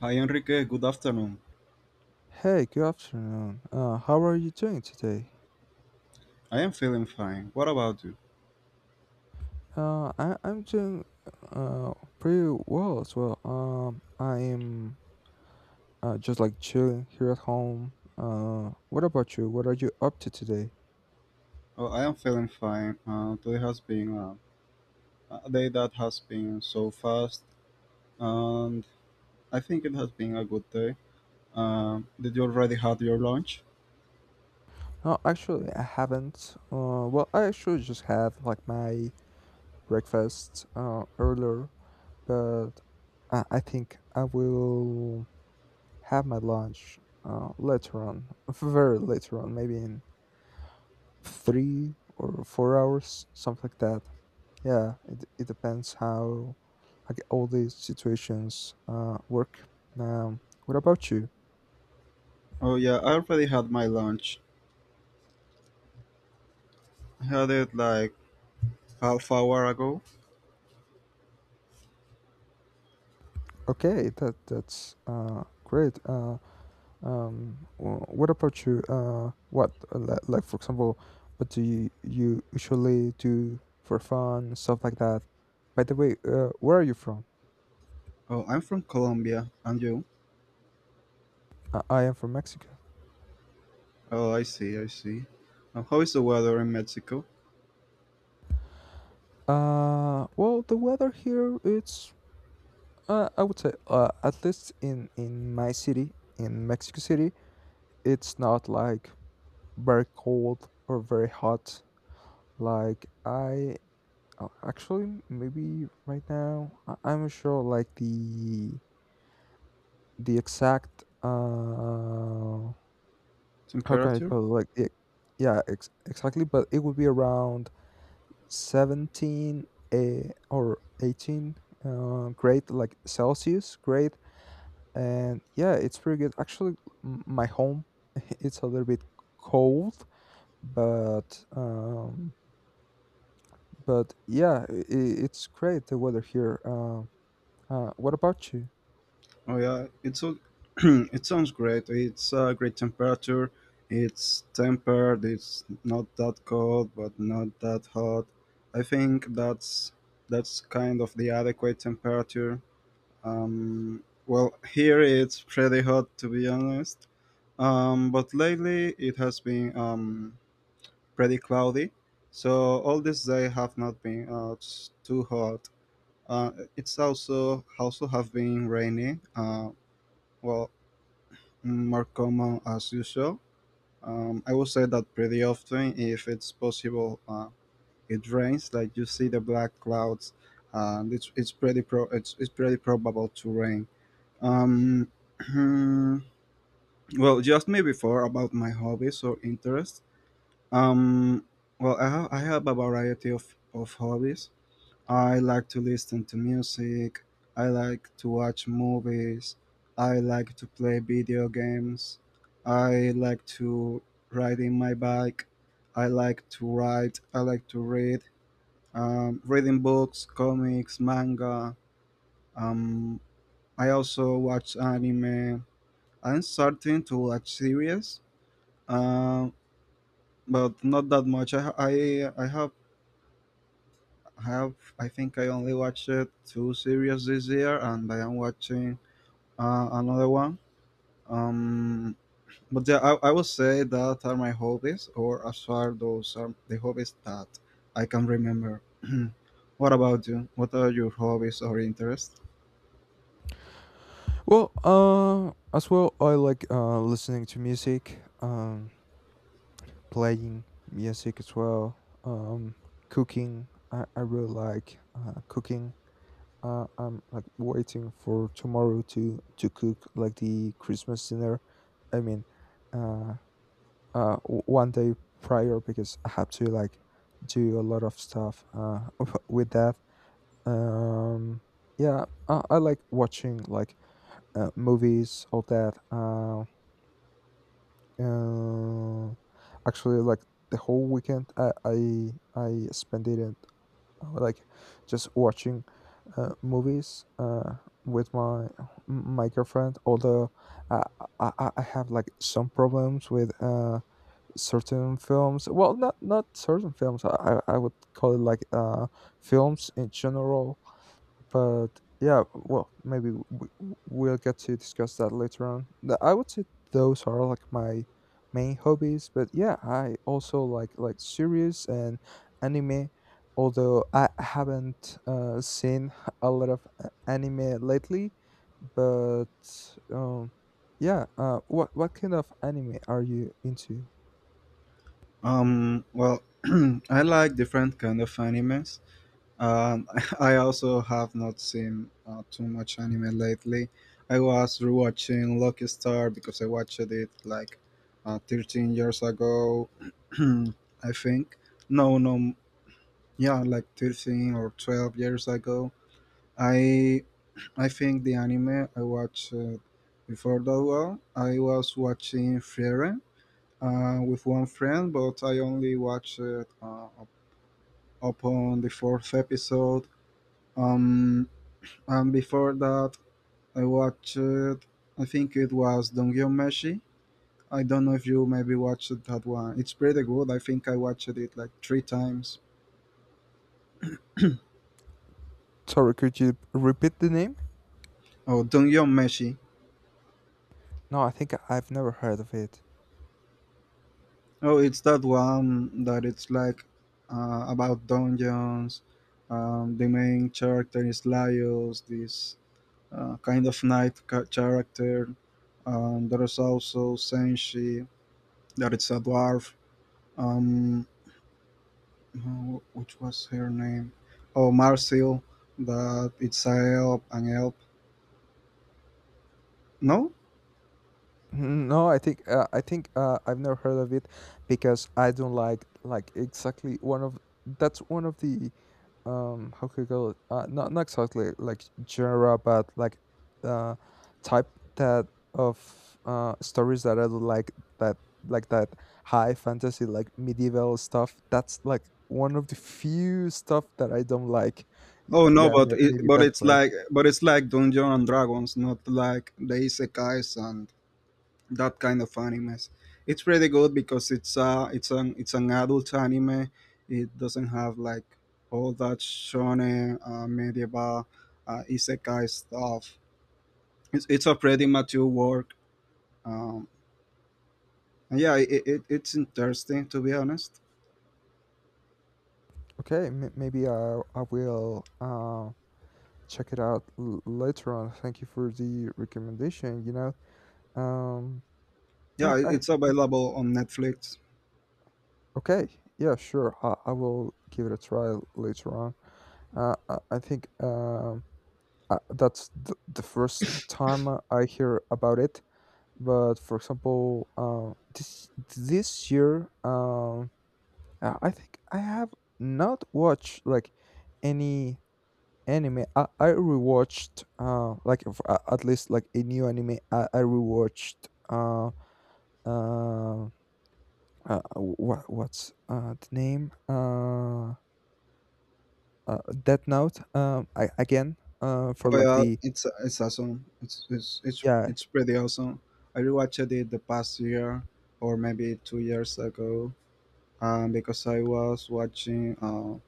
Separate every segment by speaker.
Speaker 1: Hi Enrique, good afternoon.
Speaker 2: Hey, good afternoon. How are you doing today?
Speaker 1: I am feeling fine. What about you?
Speaker 2: I'm doing uh, pretty well as well. I am just like chilling here at home. What about you? What are you up to today?
Speaker 1: Oh, I am feeling fine. Today has been a day that has been so fast, and I think it has been a good day. Did you already had your lunch?
Speaker 2: No, actually, I haven't. I actually just had like my breakfast earlier, but I think I will have my lunch later on, very later on, maybe in 3 or 4 hours, something like that. Yeah, it depends how like all these situations work. Um, what about you?
Speaker 1: Oh yeah, I already had my lunch. I had it like half hour ago.
Speaker 2: Okay, that's great. What about you? Like for example, what do you usually do for fun and stuff like that? By the way, where are you from?
Speaker 1: Oh, I'm from Colombia, and you?
Speaker 2: I am from Mexico.
Speaker 1: Oh, I see, I see. How is the weather in Mexico?
Speaker 2: The weather here, it's I would say, at least in my city, in Mexico City, it's not like very cold or very hot. Like I actually maybe right now I'm not sure like the exact how can I
Speaker 1: Temperature?
Speaker 2: call it? Like yeah, exactly, but it would be around 17 or 18 grade like Celsius grade. And yeah, it's pretty good actually. My home it's a little bit cold, but um but yeah, it's great, the weather here. What about you?
Speaker 1: Oh yeah, it's all, it sounds great. It's a great temperature. It's tempered. It's not that cold, but not that hot. I think that's kind of the adequate temperature. Well, here it's pretty hot to be honest. But lately it has been pretty cloudy, so all this day have not been too hot. Uh, it's also have been rainy. Well, more common as usual. I would say that pretty often, if it's possible, it rains. Like you see the black clouds, and it's pretty probable to rain. Um, well, you asked me before about my hobbies or interests. Um, well, I have a variety of hobbies. I like to listen to music. I like to watch movies. I like to play video games. I like to ride in my bike. I like to write. I like to read. Reading books, comics, manga. Um, I also watch anime. I'm starting to watch series, um, but not that much. I have I think I only watched two series this year, and I am watching another one. Um, but yeah, I would say that are my hobbies, or as far those are the hobbies that I can remember. What about you? What are your hobbies or interests?
Speaker 2: Well, as well I like listening to music. Playing music as well. um Cooking. I really like cooking. I'm like waiting for tomorrow to cook like the Christmas dinner. I mean, uh, one day prior, because I have to like do a lot of stuff with that. Um, yeah, I like watching like movies, all that. Uh, Actually, like the whole weekend, I spent it like just watching movies with my girlfriend. Although, I, I have like some problems with certain films. Well, not certain films, I would call it like films in general. But yeah, well, maybe we'll get to discuss that later on. I would say those are like my main hobbies. But yeah, I also like series and anime, although I haven't seen a lot of anime lately. But um yeah, what kind of anime are you into?
Speaker 1: Well, I like different kind of animes. Um, I also have not seen too much anime lately. I was rewatching Lucky Star because I watched it like 13 years ago, I think. No, no. Yeah, like 13 or 12 years ago. I I think the anime I watched before that one, I was watching Frieren with one friend, but I only watched it up upon the fourth episode. Um, And before that, I watched, I think it was Dongyomeshi. I don't know if you maybe watched that one. It's pretty good. I think I watched it like three times.
Speaker 2: Sorry, could you repeat the name?
Speaker 1: Oh, Dongyomeshi.
Speaker 2: No, I think I've never heard of it.
Speaker 1: Oh, it's that one that it's like about dungeons. The main character is Laios, this kind of character. There is also Senshi, that it's a dwarf. Um, uh, which was her name? Oh, Marcel, that it's a elf, an elf. No?
Speaker 2: No, I think I've never heard of it because I don't like exactly one of that's one of the how could I call it? Not exactly like genre, but like uh type, that of stories that I don't like. that that high fantasy, like medieval stuff. That's like one of the few stuff that I don't like. Y-
Speaker 1: Oh no,
Speaker 2: yeah may- maybe that's why.
Speaker 1: but it's like Dungeons and Dragons, not like the isekais and that kind of animes. It's pretty good because it's an adult anime. It doesn't have like all that shonen medieval isekai stuff. It's a pretty mature work. Um, and yeah, it's interesting to be honest.
Speaker 2: Okay, maybe I will check it out later on. Thank you for the recommendation. You know, um,
Speaker 1: Yeah, it- it's
Speaker 2: I think
Speaker 1: available on Netflix.
Speaker 2: Okay, yeah, sure. I will give it a try later on. I think, that's the first time I hear about it. But for example, this year, I think I have not watched like any anime. I rewatched, like at least like a new anime. I rewatched uh, what's the name, Death Note, I, again, for
Speaker 1: Oh
Speaker 2: like
Speaker 1: yeah,
Speaker 2: the...
Speaker 1: it's awesome.
Speaker 2: yeah
Speaker 1: It's pretty awesome. I rewatched it the past year or maybe 2 years ago, because I was watching. Uh,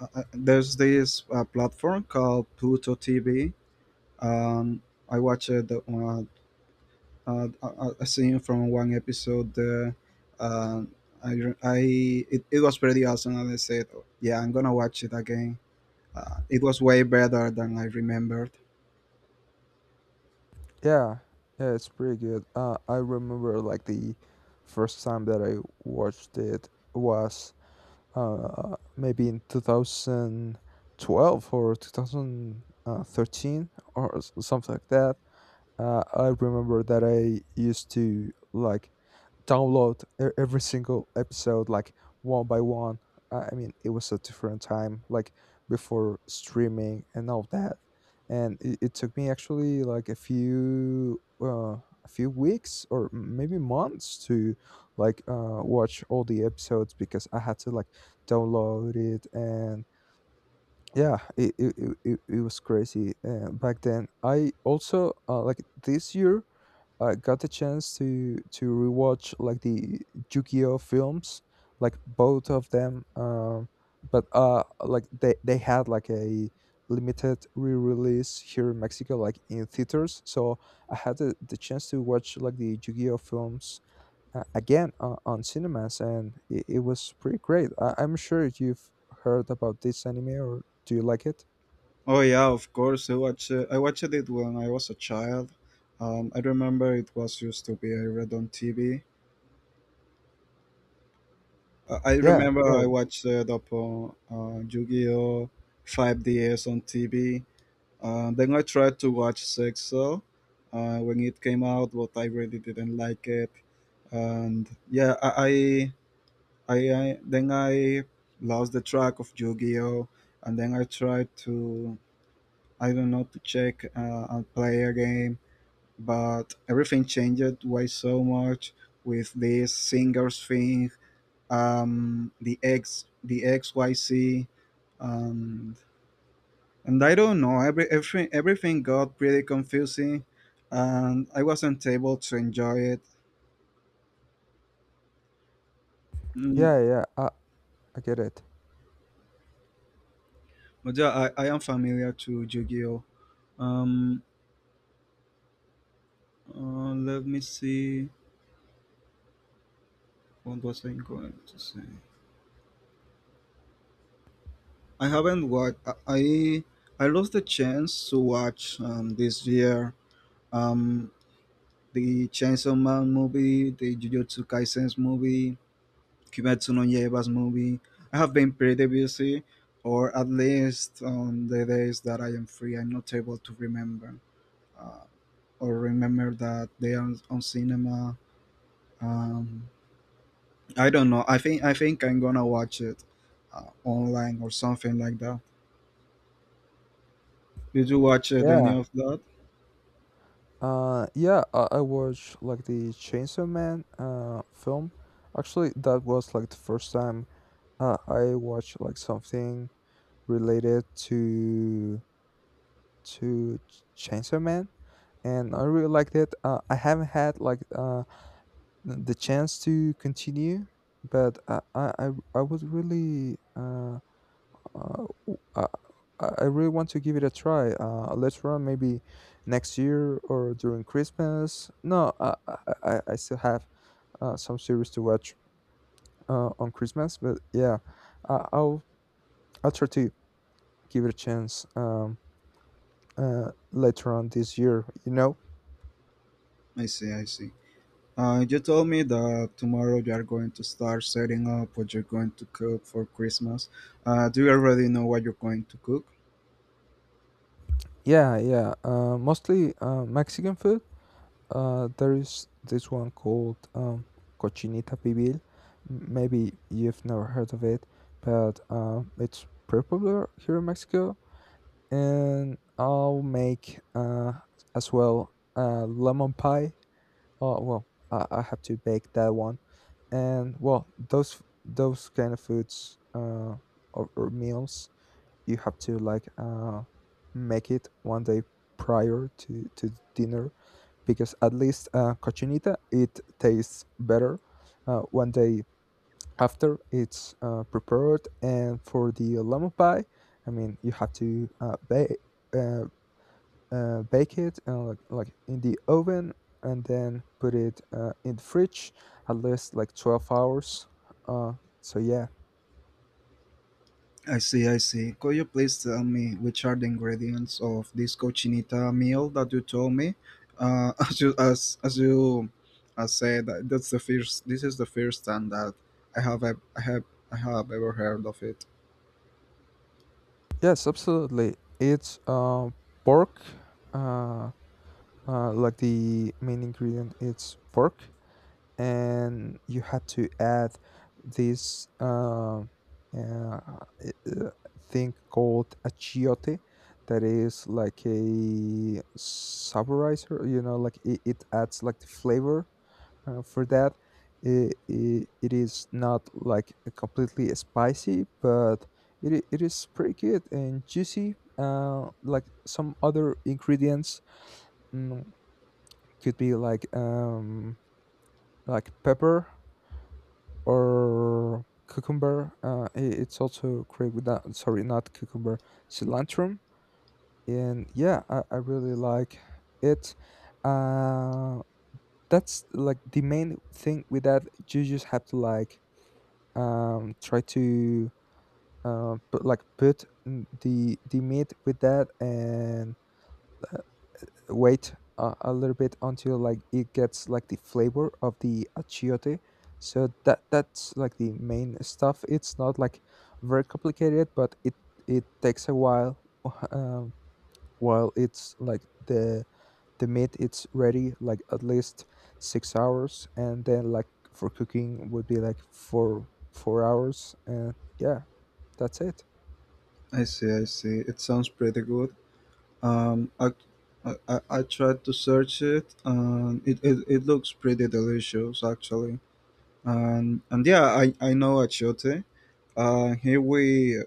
Speaker 1: uh, uh, There's this platform called Pluto TV. Um, I watched the, a scene from one episode. Um I it was pretty awesome, and I said, "Yeah, I'm gonna watch it again." Uh, it was way better than I remembered.
Speaker 2: yeah yeah it's pretty good. I remember like the first time that I watched it was maybe in two thousand. 12 or 2013 or s- something like that I remember that I used to like download e- every single episode like one by one. I mean, it was a different time, like before streaming and all that. And it took me actually like a few weeks or m- maybe months to like watch all the episodes because I had to like download it and yeah it was crazy back then I also like this year I got the chance to rewatch like the Yu-Gi-Oh films, like both of them. But like they had like a limited re-release here in Mexico, like in theaters. So I had the chance to watch like the Yu-Gi-Oh films again on cinemas, and it was pretty great. I, I'm sure you've heard about this anime, or do you like it?
Speaker 1: Oh yeah, of course. I watched it when I was a child. I remember it was used to be I read on TV. I
Speaker 2: Yeah,
Speaker 1: remember
Speaker 2: yeah,
Speaker 1: I watched it upon Yu-Gi-Oh, 5DS on TV. Then I tried to watch Sexo when it came out, but I really didn't like it. And yeah, I then I lost the track of Yu-Gi-Oh, and then I tried to I don't know to check and play a game, but everything changed way so much with this singers thing, the X, the XYC, and and I don't know. Everything got pretty confusing, and I wasn't able to enjoy it. Mm,
Speaker 2: yeah, yeah. I get it.
Speaker 1: but yeah, I am familiar to Yu-Gi-Oh. Um, Let me see. What was I going to say? I haven't watched. I lost the chance to watch this year um, the Chainsaw Man movie, the Jujutsu Kaisen's movie, Kimetsu no Yaiba's movie. I have been pretty busy, or at least on the days that I am free, I'm not able to remember uh, or remember that they are on cinema. Um, I don't know. I think I'm gonna watch it online or something like that. Did you watch any
Speaker 2: Yeah.
Speaker 1: of that?
Speaker 2: Yeah, I watched like the Chainsaw Man film. Actually, that was like the first time I watched like something related to Chainsaw Man, and I really liked it. I haven't had like the chance to continue, but I would really w- I really want to give it a try later on, maybe next year or during Christmas. No, I still have some series to watch on Christmas, but yeah, I, I'll, I'll try to give it a chance, later on this year, you know?
Speaker 1: I see, I see. You told me that tomorrow you are going to start setting up what you're going to cook for Christmas. Do you already know what you're going to cook?
Speaker 2: Yeah, yeah. Mostly Mexican food. There is this one called, Cochinita Pibil. Maybe you've never heard of it, but it's pretty popular here in Mexico. And I'll make, as well, lemon pie. Oh well, I have to bake that one. And well, those kind of foods, or meals, you have to like make it one day prior to dinner, because at least cochinita it tastes better one day after it's prepared. And for the lemon pie, I mean, you have to uh, bake it, like in the oven, and then put it in the fridge at least like 12 hours, uh, so yeah.
Speaker 1: I see, I see. Could you please tell me which are the ingredients of this cochinita meal that you told me? As you said, that's the first. This is the first time that I have ev- I have ever heard of it.
Speaker 2: Yes, absolutely. It's pork. uh, like, the main ingredient it's pork, and you had to add this, uh, uh, thing called a chiote, that is like a saborizer, you know, like it adds like the flavor for that. It is not like completely spicy, but it is pretty good and juicy, like some other ingredients. mm, could be like, like pepper or cucumber. It's also great with that. Sorry, not cucumber, cilantro. And yeah, I really like it. Uh, that's like the main thing with that. You just have to like, try to put, like, put, the meat with that, and wait a little bit until like it gets like the flavor of the achiote. So that's like the main stuff. It's not like very complicated, but it takes a while. um, while it's like the meat it's ready, like at least 6 hours, and then like for cooking would be like four hours. And yeah, that's it.
Speaker 1: I see, I see. It sounds pretty good. Um, I, I tried to search it, and it looks pretty delicious actually. And yeah, I know achiote. Here we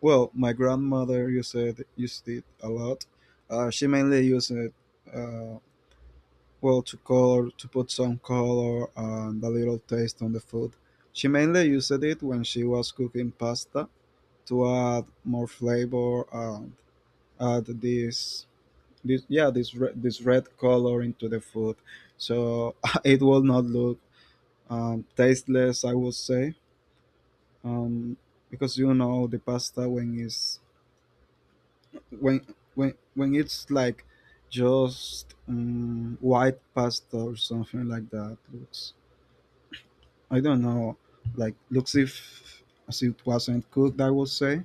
Speaker 1: well, my grandmother used it a lot. She mainly used it uh, well to color to put some color and a little taste on the food. She mainly used it when she was cooking pasta to add more flavor and add this this yeah this red color into the food, so it will not look tasteless I would say, um, because you know the pasta when it's when when it's like just white pasta or something like that looks I don't know, like looks if as it wasn't cooked I would say.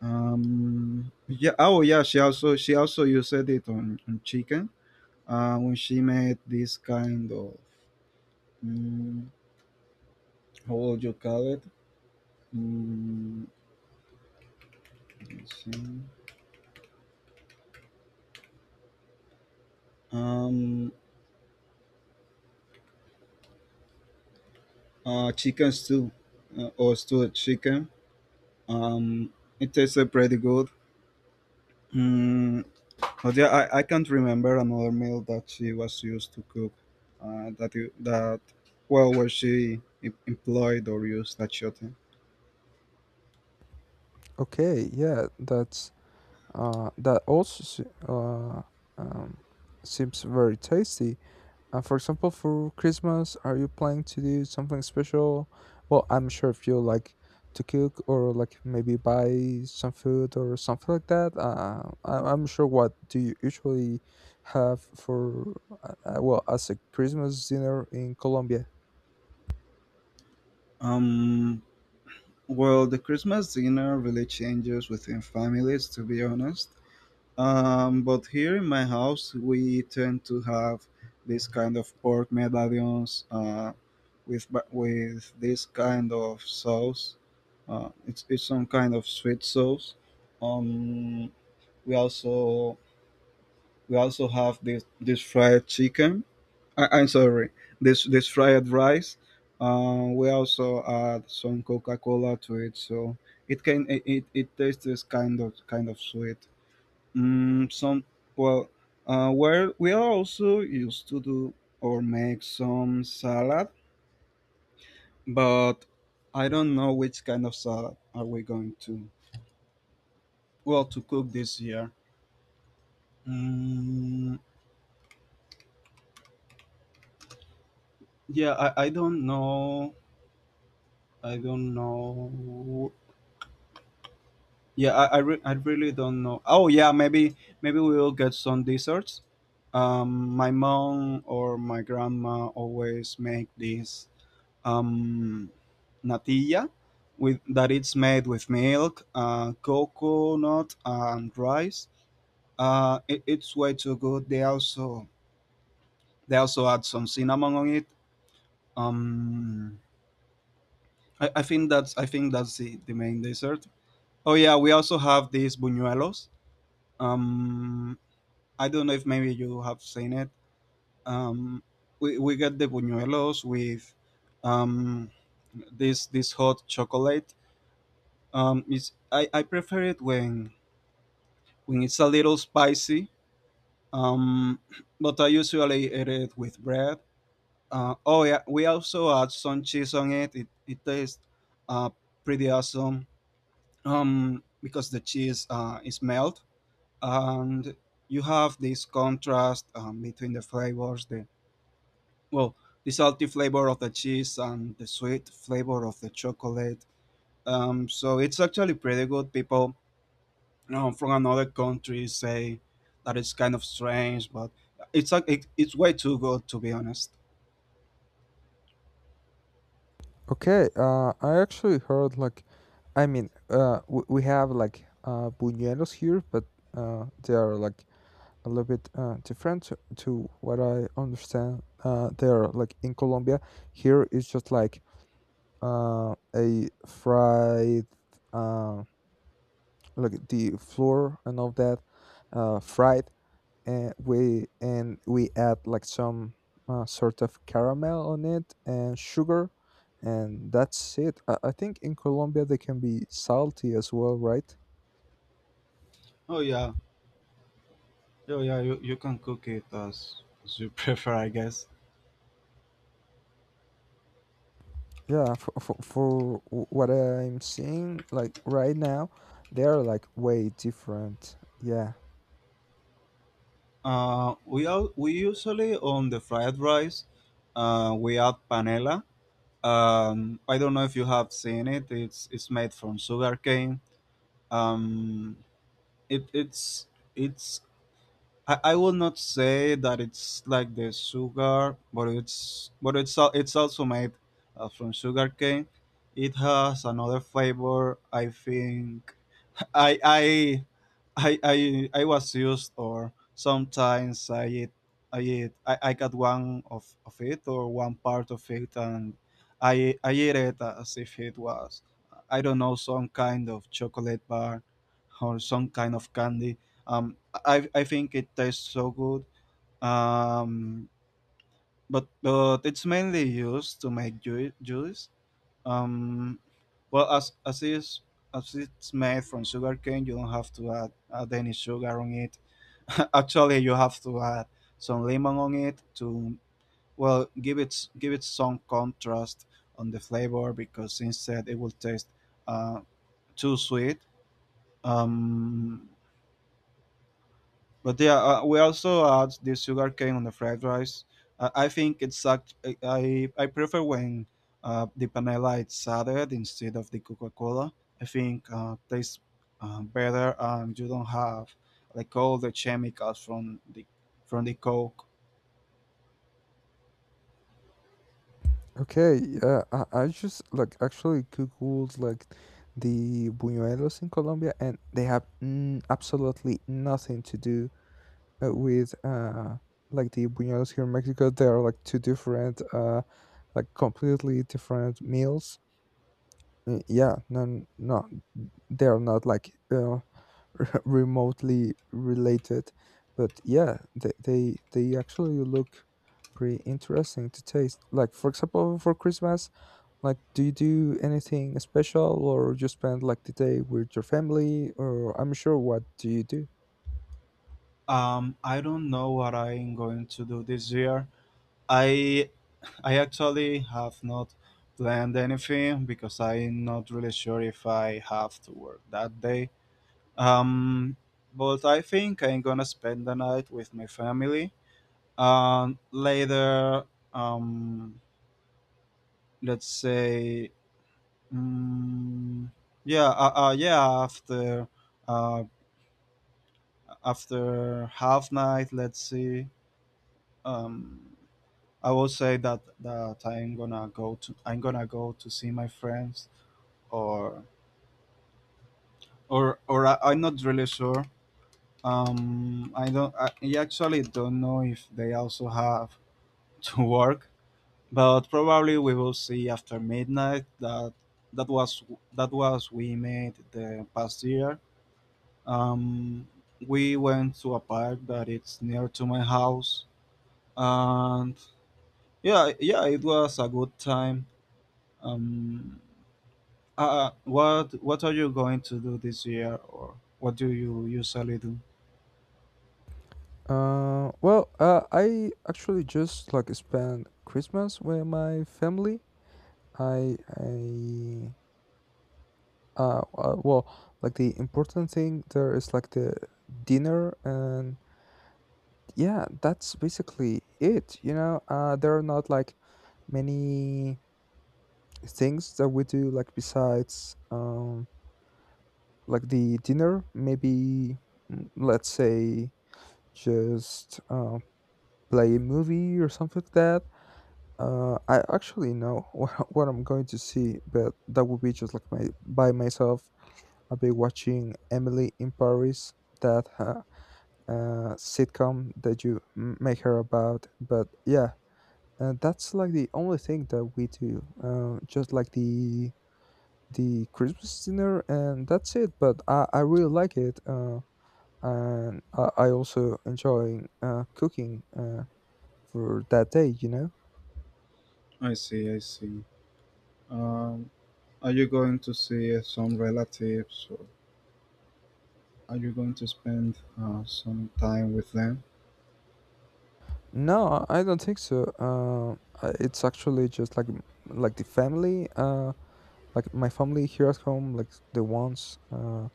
Speaker 1: Um, yeah, oh yeah, she also used it on chicken when she made this kind of Mm, how would you call it? Mm, let's see. Um, Chicken stew or stewed chicken. Um, it tasted pretty good. Mm, but yeah, I can't remember another meal that she was used to cook. That you, that well, where employed or used that shooting.
Speaker 2: Okay, yeah, that also um, seems very tasty. For example, for Christmas, are you planning to do something special? Well, I'm sure if you like to cook, or like maybe buy some food or something like that. I'm sure what do you usually have for, well, as a Christmas dinner in Colombia?
Speaker 1: Um, well, the Christmas dinner really changes within families, to be honest. But here in my house, we tend to have this kind of pork medallions with this kind of sauce. It's some kind of sweet sauce. Um, we also we also have this fried chicken. I'm sorry, this fried rice. We also add some Coca Cola to it, so it can it, it tastes kind of sweet. Mm, some well, well, we are also used to do or make some salad, but I don't know which kind of salad are we going to well to cook this year. Mm, yeah, I don't know. I don't know. Yeah, I really don't know. Oh yeah, maybe maybe we will get some desserts. My mom or my grandma always make this um, natilla, with that it's made with milk, coconut, and rice. It's way too good. They also add some cinnamon on it. Um, I think that's the main dessert. Oh yeah, we also have these buñuelos. Um, I don't know if maybe you have seen it. Um, we get the buñuelos with um, this this hot chocolate. I prefer it when it's a little spicy. Um, but I usually eat it with bread. Oh yeah, we also add some cheese on it. It tastes uh, pretty awesome. Because the cheese is melt and you have this contrast between the flavors. The well, the salty flavor of the cheese and the sweet flavor of the chocolate. So it's actually pretty good. People you know, from another country say that it's kind of strange, but it's like it's way too good to be honest.
Speaker 2: Okay, I actually heard like, I mean, we have like, buñuelos here, but they are like a little bit different to what I understand there. Like in Colombia, here it's just like, a fried, uh, like the flour and all that, fried, and we add like some, sort of caramel on it and sugar, and that's it. I think in Colombia they can be salty as well, right?
Speaker 1: Oh yeah, oh yeah, you can cook it as you prefer, I guess.
Speaker 2: Yeah, for what I'm seeing, like right now, they are like way different. Yeah.
Speaker 1: We usually on the fried rice, we add panela. I don't know if you have seen it. It's made from sugarcane. Um, it it's I will not say that it's like the sugar, but it's also made from sugar cane. It has another flavor. I think I I I I I was used or sometimes I got one of it or one part of it, and I eat it as if it was, I don't know, some kind of chocolate bar or some kind of candy. Um I think it tastes so good. Um but it's mainly used to make juice, um, well, as it's made from sugar cane, you don't have to add any sugar on it. Actually, you have to add some lemon on it to, well, give it, give it some contrast on the flavor, because instead it will taste uh, too sweet. Um, But yeah, we also add the sugar cane on the fried rice. I think it's act- I prefer when the panela is added instead of the Coca Cola. I think tastes better, and you don't have like all the chemicals from the Coke.
Speaker 2: Okay. Yeah. I just like actually googled like the buñuelos in Colombia, and they have n absolutely nothing to do with, like the buñuelos here in Mexico. They are like two different, like completely different meals. Yeah. No. No. They are not like, remotely related. But yeah, they actually look pretty interesting to taste. Like, for example, for Christmas, like, do you do anything special, or you spend like the day with your family, or I'm sure, what do you do?
Speaker 1: I don't know what I'm going to do this year. I I actually have not planned anything because I'm not really sure if I have to work that day. Um, but I think I'm gonna spend the night with my family. And later, um, let's say, mm, yeah, yeah, uh, after half night, let's see. Um, I will say that I'm gonna go to see my friends, or or I'm not really sure. I don't. I actually don't know if they also have to work, but probably we will see after midnight that that was that was we made the past year. Um, we went to a park that it's near to my house, and yeah, yeah, it was a good time. Um, what are you going to do this year, or what do you usually do?
Speaker 2: I actually just like spend Christmas with my family. I I Uh, uh, well, like, the important thing there is like the dinner, and yeah, that's basically it. You know, there are not like many things that we do like besides, like the dinner. Maybe, let's say just, play a movie or something like that. I actually know, what I'm going to see, but that would be just like my by myself. I've been watching Emily in Paris, that, sitcom that you make her about. But yeah, that's like the only thing that we do. Just like the Christmas dinner, and that's it. But I really like it, and I also enjoy cooking for that day. You know?
Speaker 1: I see, I see. Um, are you going to see some relatives? Are you going to spend some time with them?
Speaker 2: No, I don't think so. It's actually just like the family. Like, my family here at home, like the ones,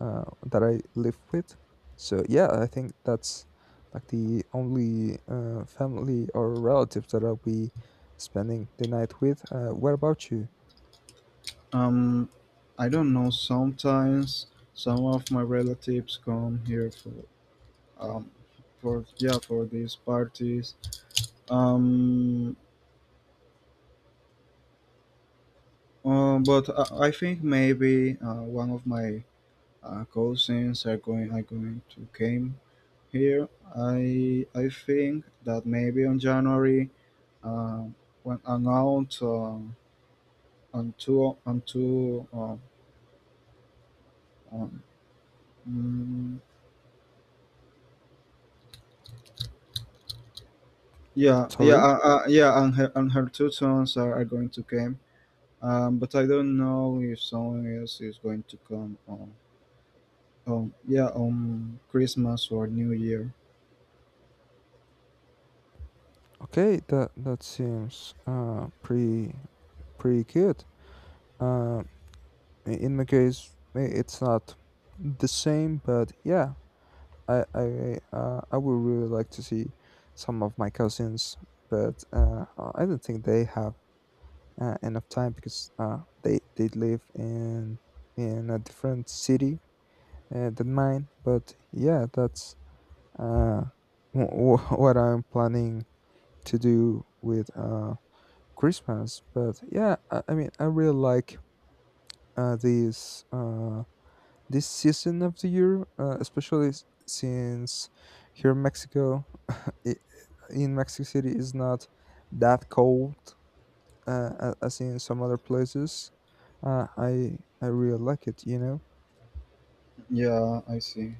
Speaker 2: uh, that I live with. So yeah, I think that's like the only, family or relatives that I'll be spending the night with. What about you?
Speaker 1: Um, I don't know. Sometimes some of my relatives come here for um, for, these parties. Um, but I think maybe one of my cousins are going to came here. I think that maybe on January, uh, when around, on two, on Mm, yeah, yeah,
Speaker 2: Sorry.
Speaker 1: yeah, and her two sons are going to come. But I don't know if someone else is going to come on Christmas or New Year.
Speaker 2: Okay, that seems, pretty good. uh, in my case, it's not the same, but yeah, I would really like to see some of my cousins, but I don't think they have enough time because they live in a different city than mine. But yeah, that's, uh, what I'm planning to do with, Christmas. But yeah, I mean, I really like, uh, this uh, this season of the year, especially since here in Mexico, it, in Mexico City is not that cold, as in some other places. I really like it, you know.
Speaker 1: Yeah, I see.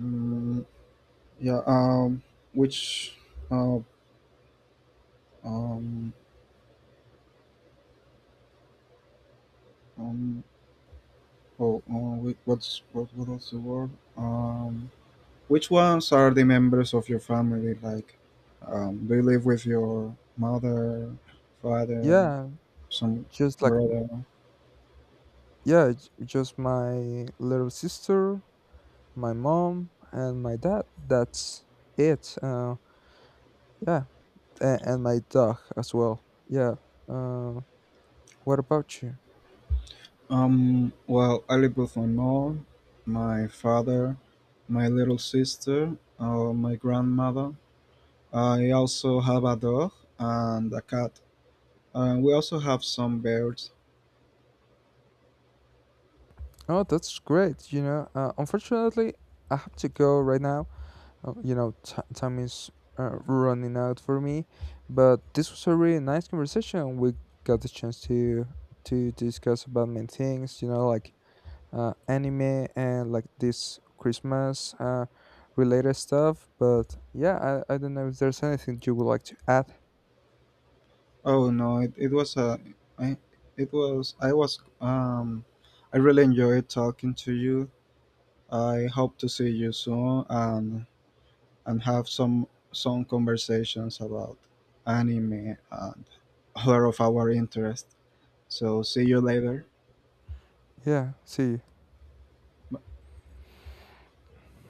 Speaker 1: Mm, yeah. Which, uh, um, um, oh, wait, what's what? What was the word? Um, which ones are the members of your family? Like, do you live with your mother, father,
Speaker 2: Yeah,
Speaker 1: some
Speaker 2: just like,
Speaker 1: brother?
Speaker 2: yeah, just my little sister, my mom, and my dad. That's it. Yeah, and my dog as well. Yeah. Uh, what about you?
Speaker 1: Well, I live with my mom, my father, my little sister, my grandmother. I also have a dog and a cat. And we also have some birds.
Speaker 2: Oh, that's great. You know, unfortunately, I have to go right now. You know, time is, running out for me, but this was a really nice conversation. We got the chance to discuss about many things, you know, like, anime and like this Christmas, related stuff. But yeah, I don't know if there's anything you would like to add.
Speaker 1: Oh no, it was a, I, it was, I really enjoyed talking to you. I hope to see you soon, and have some conversations about anime and other of our interest. So see you later.
Speaker 2: Yeah, see you.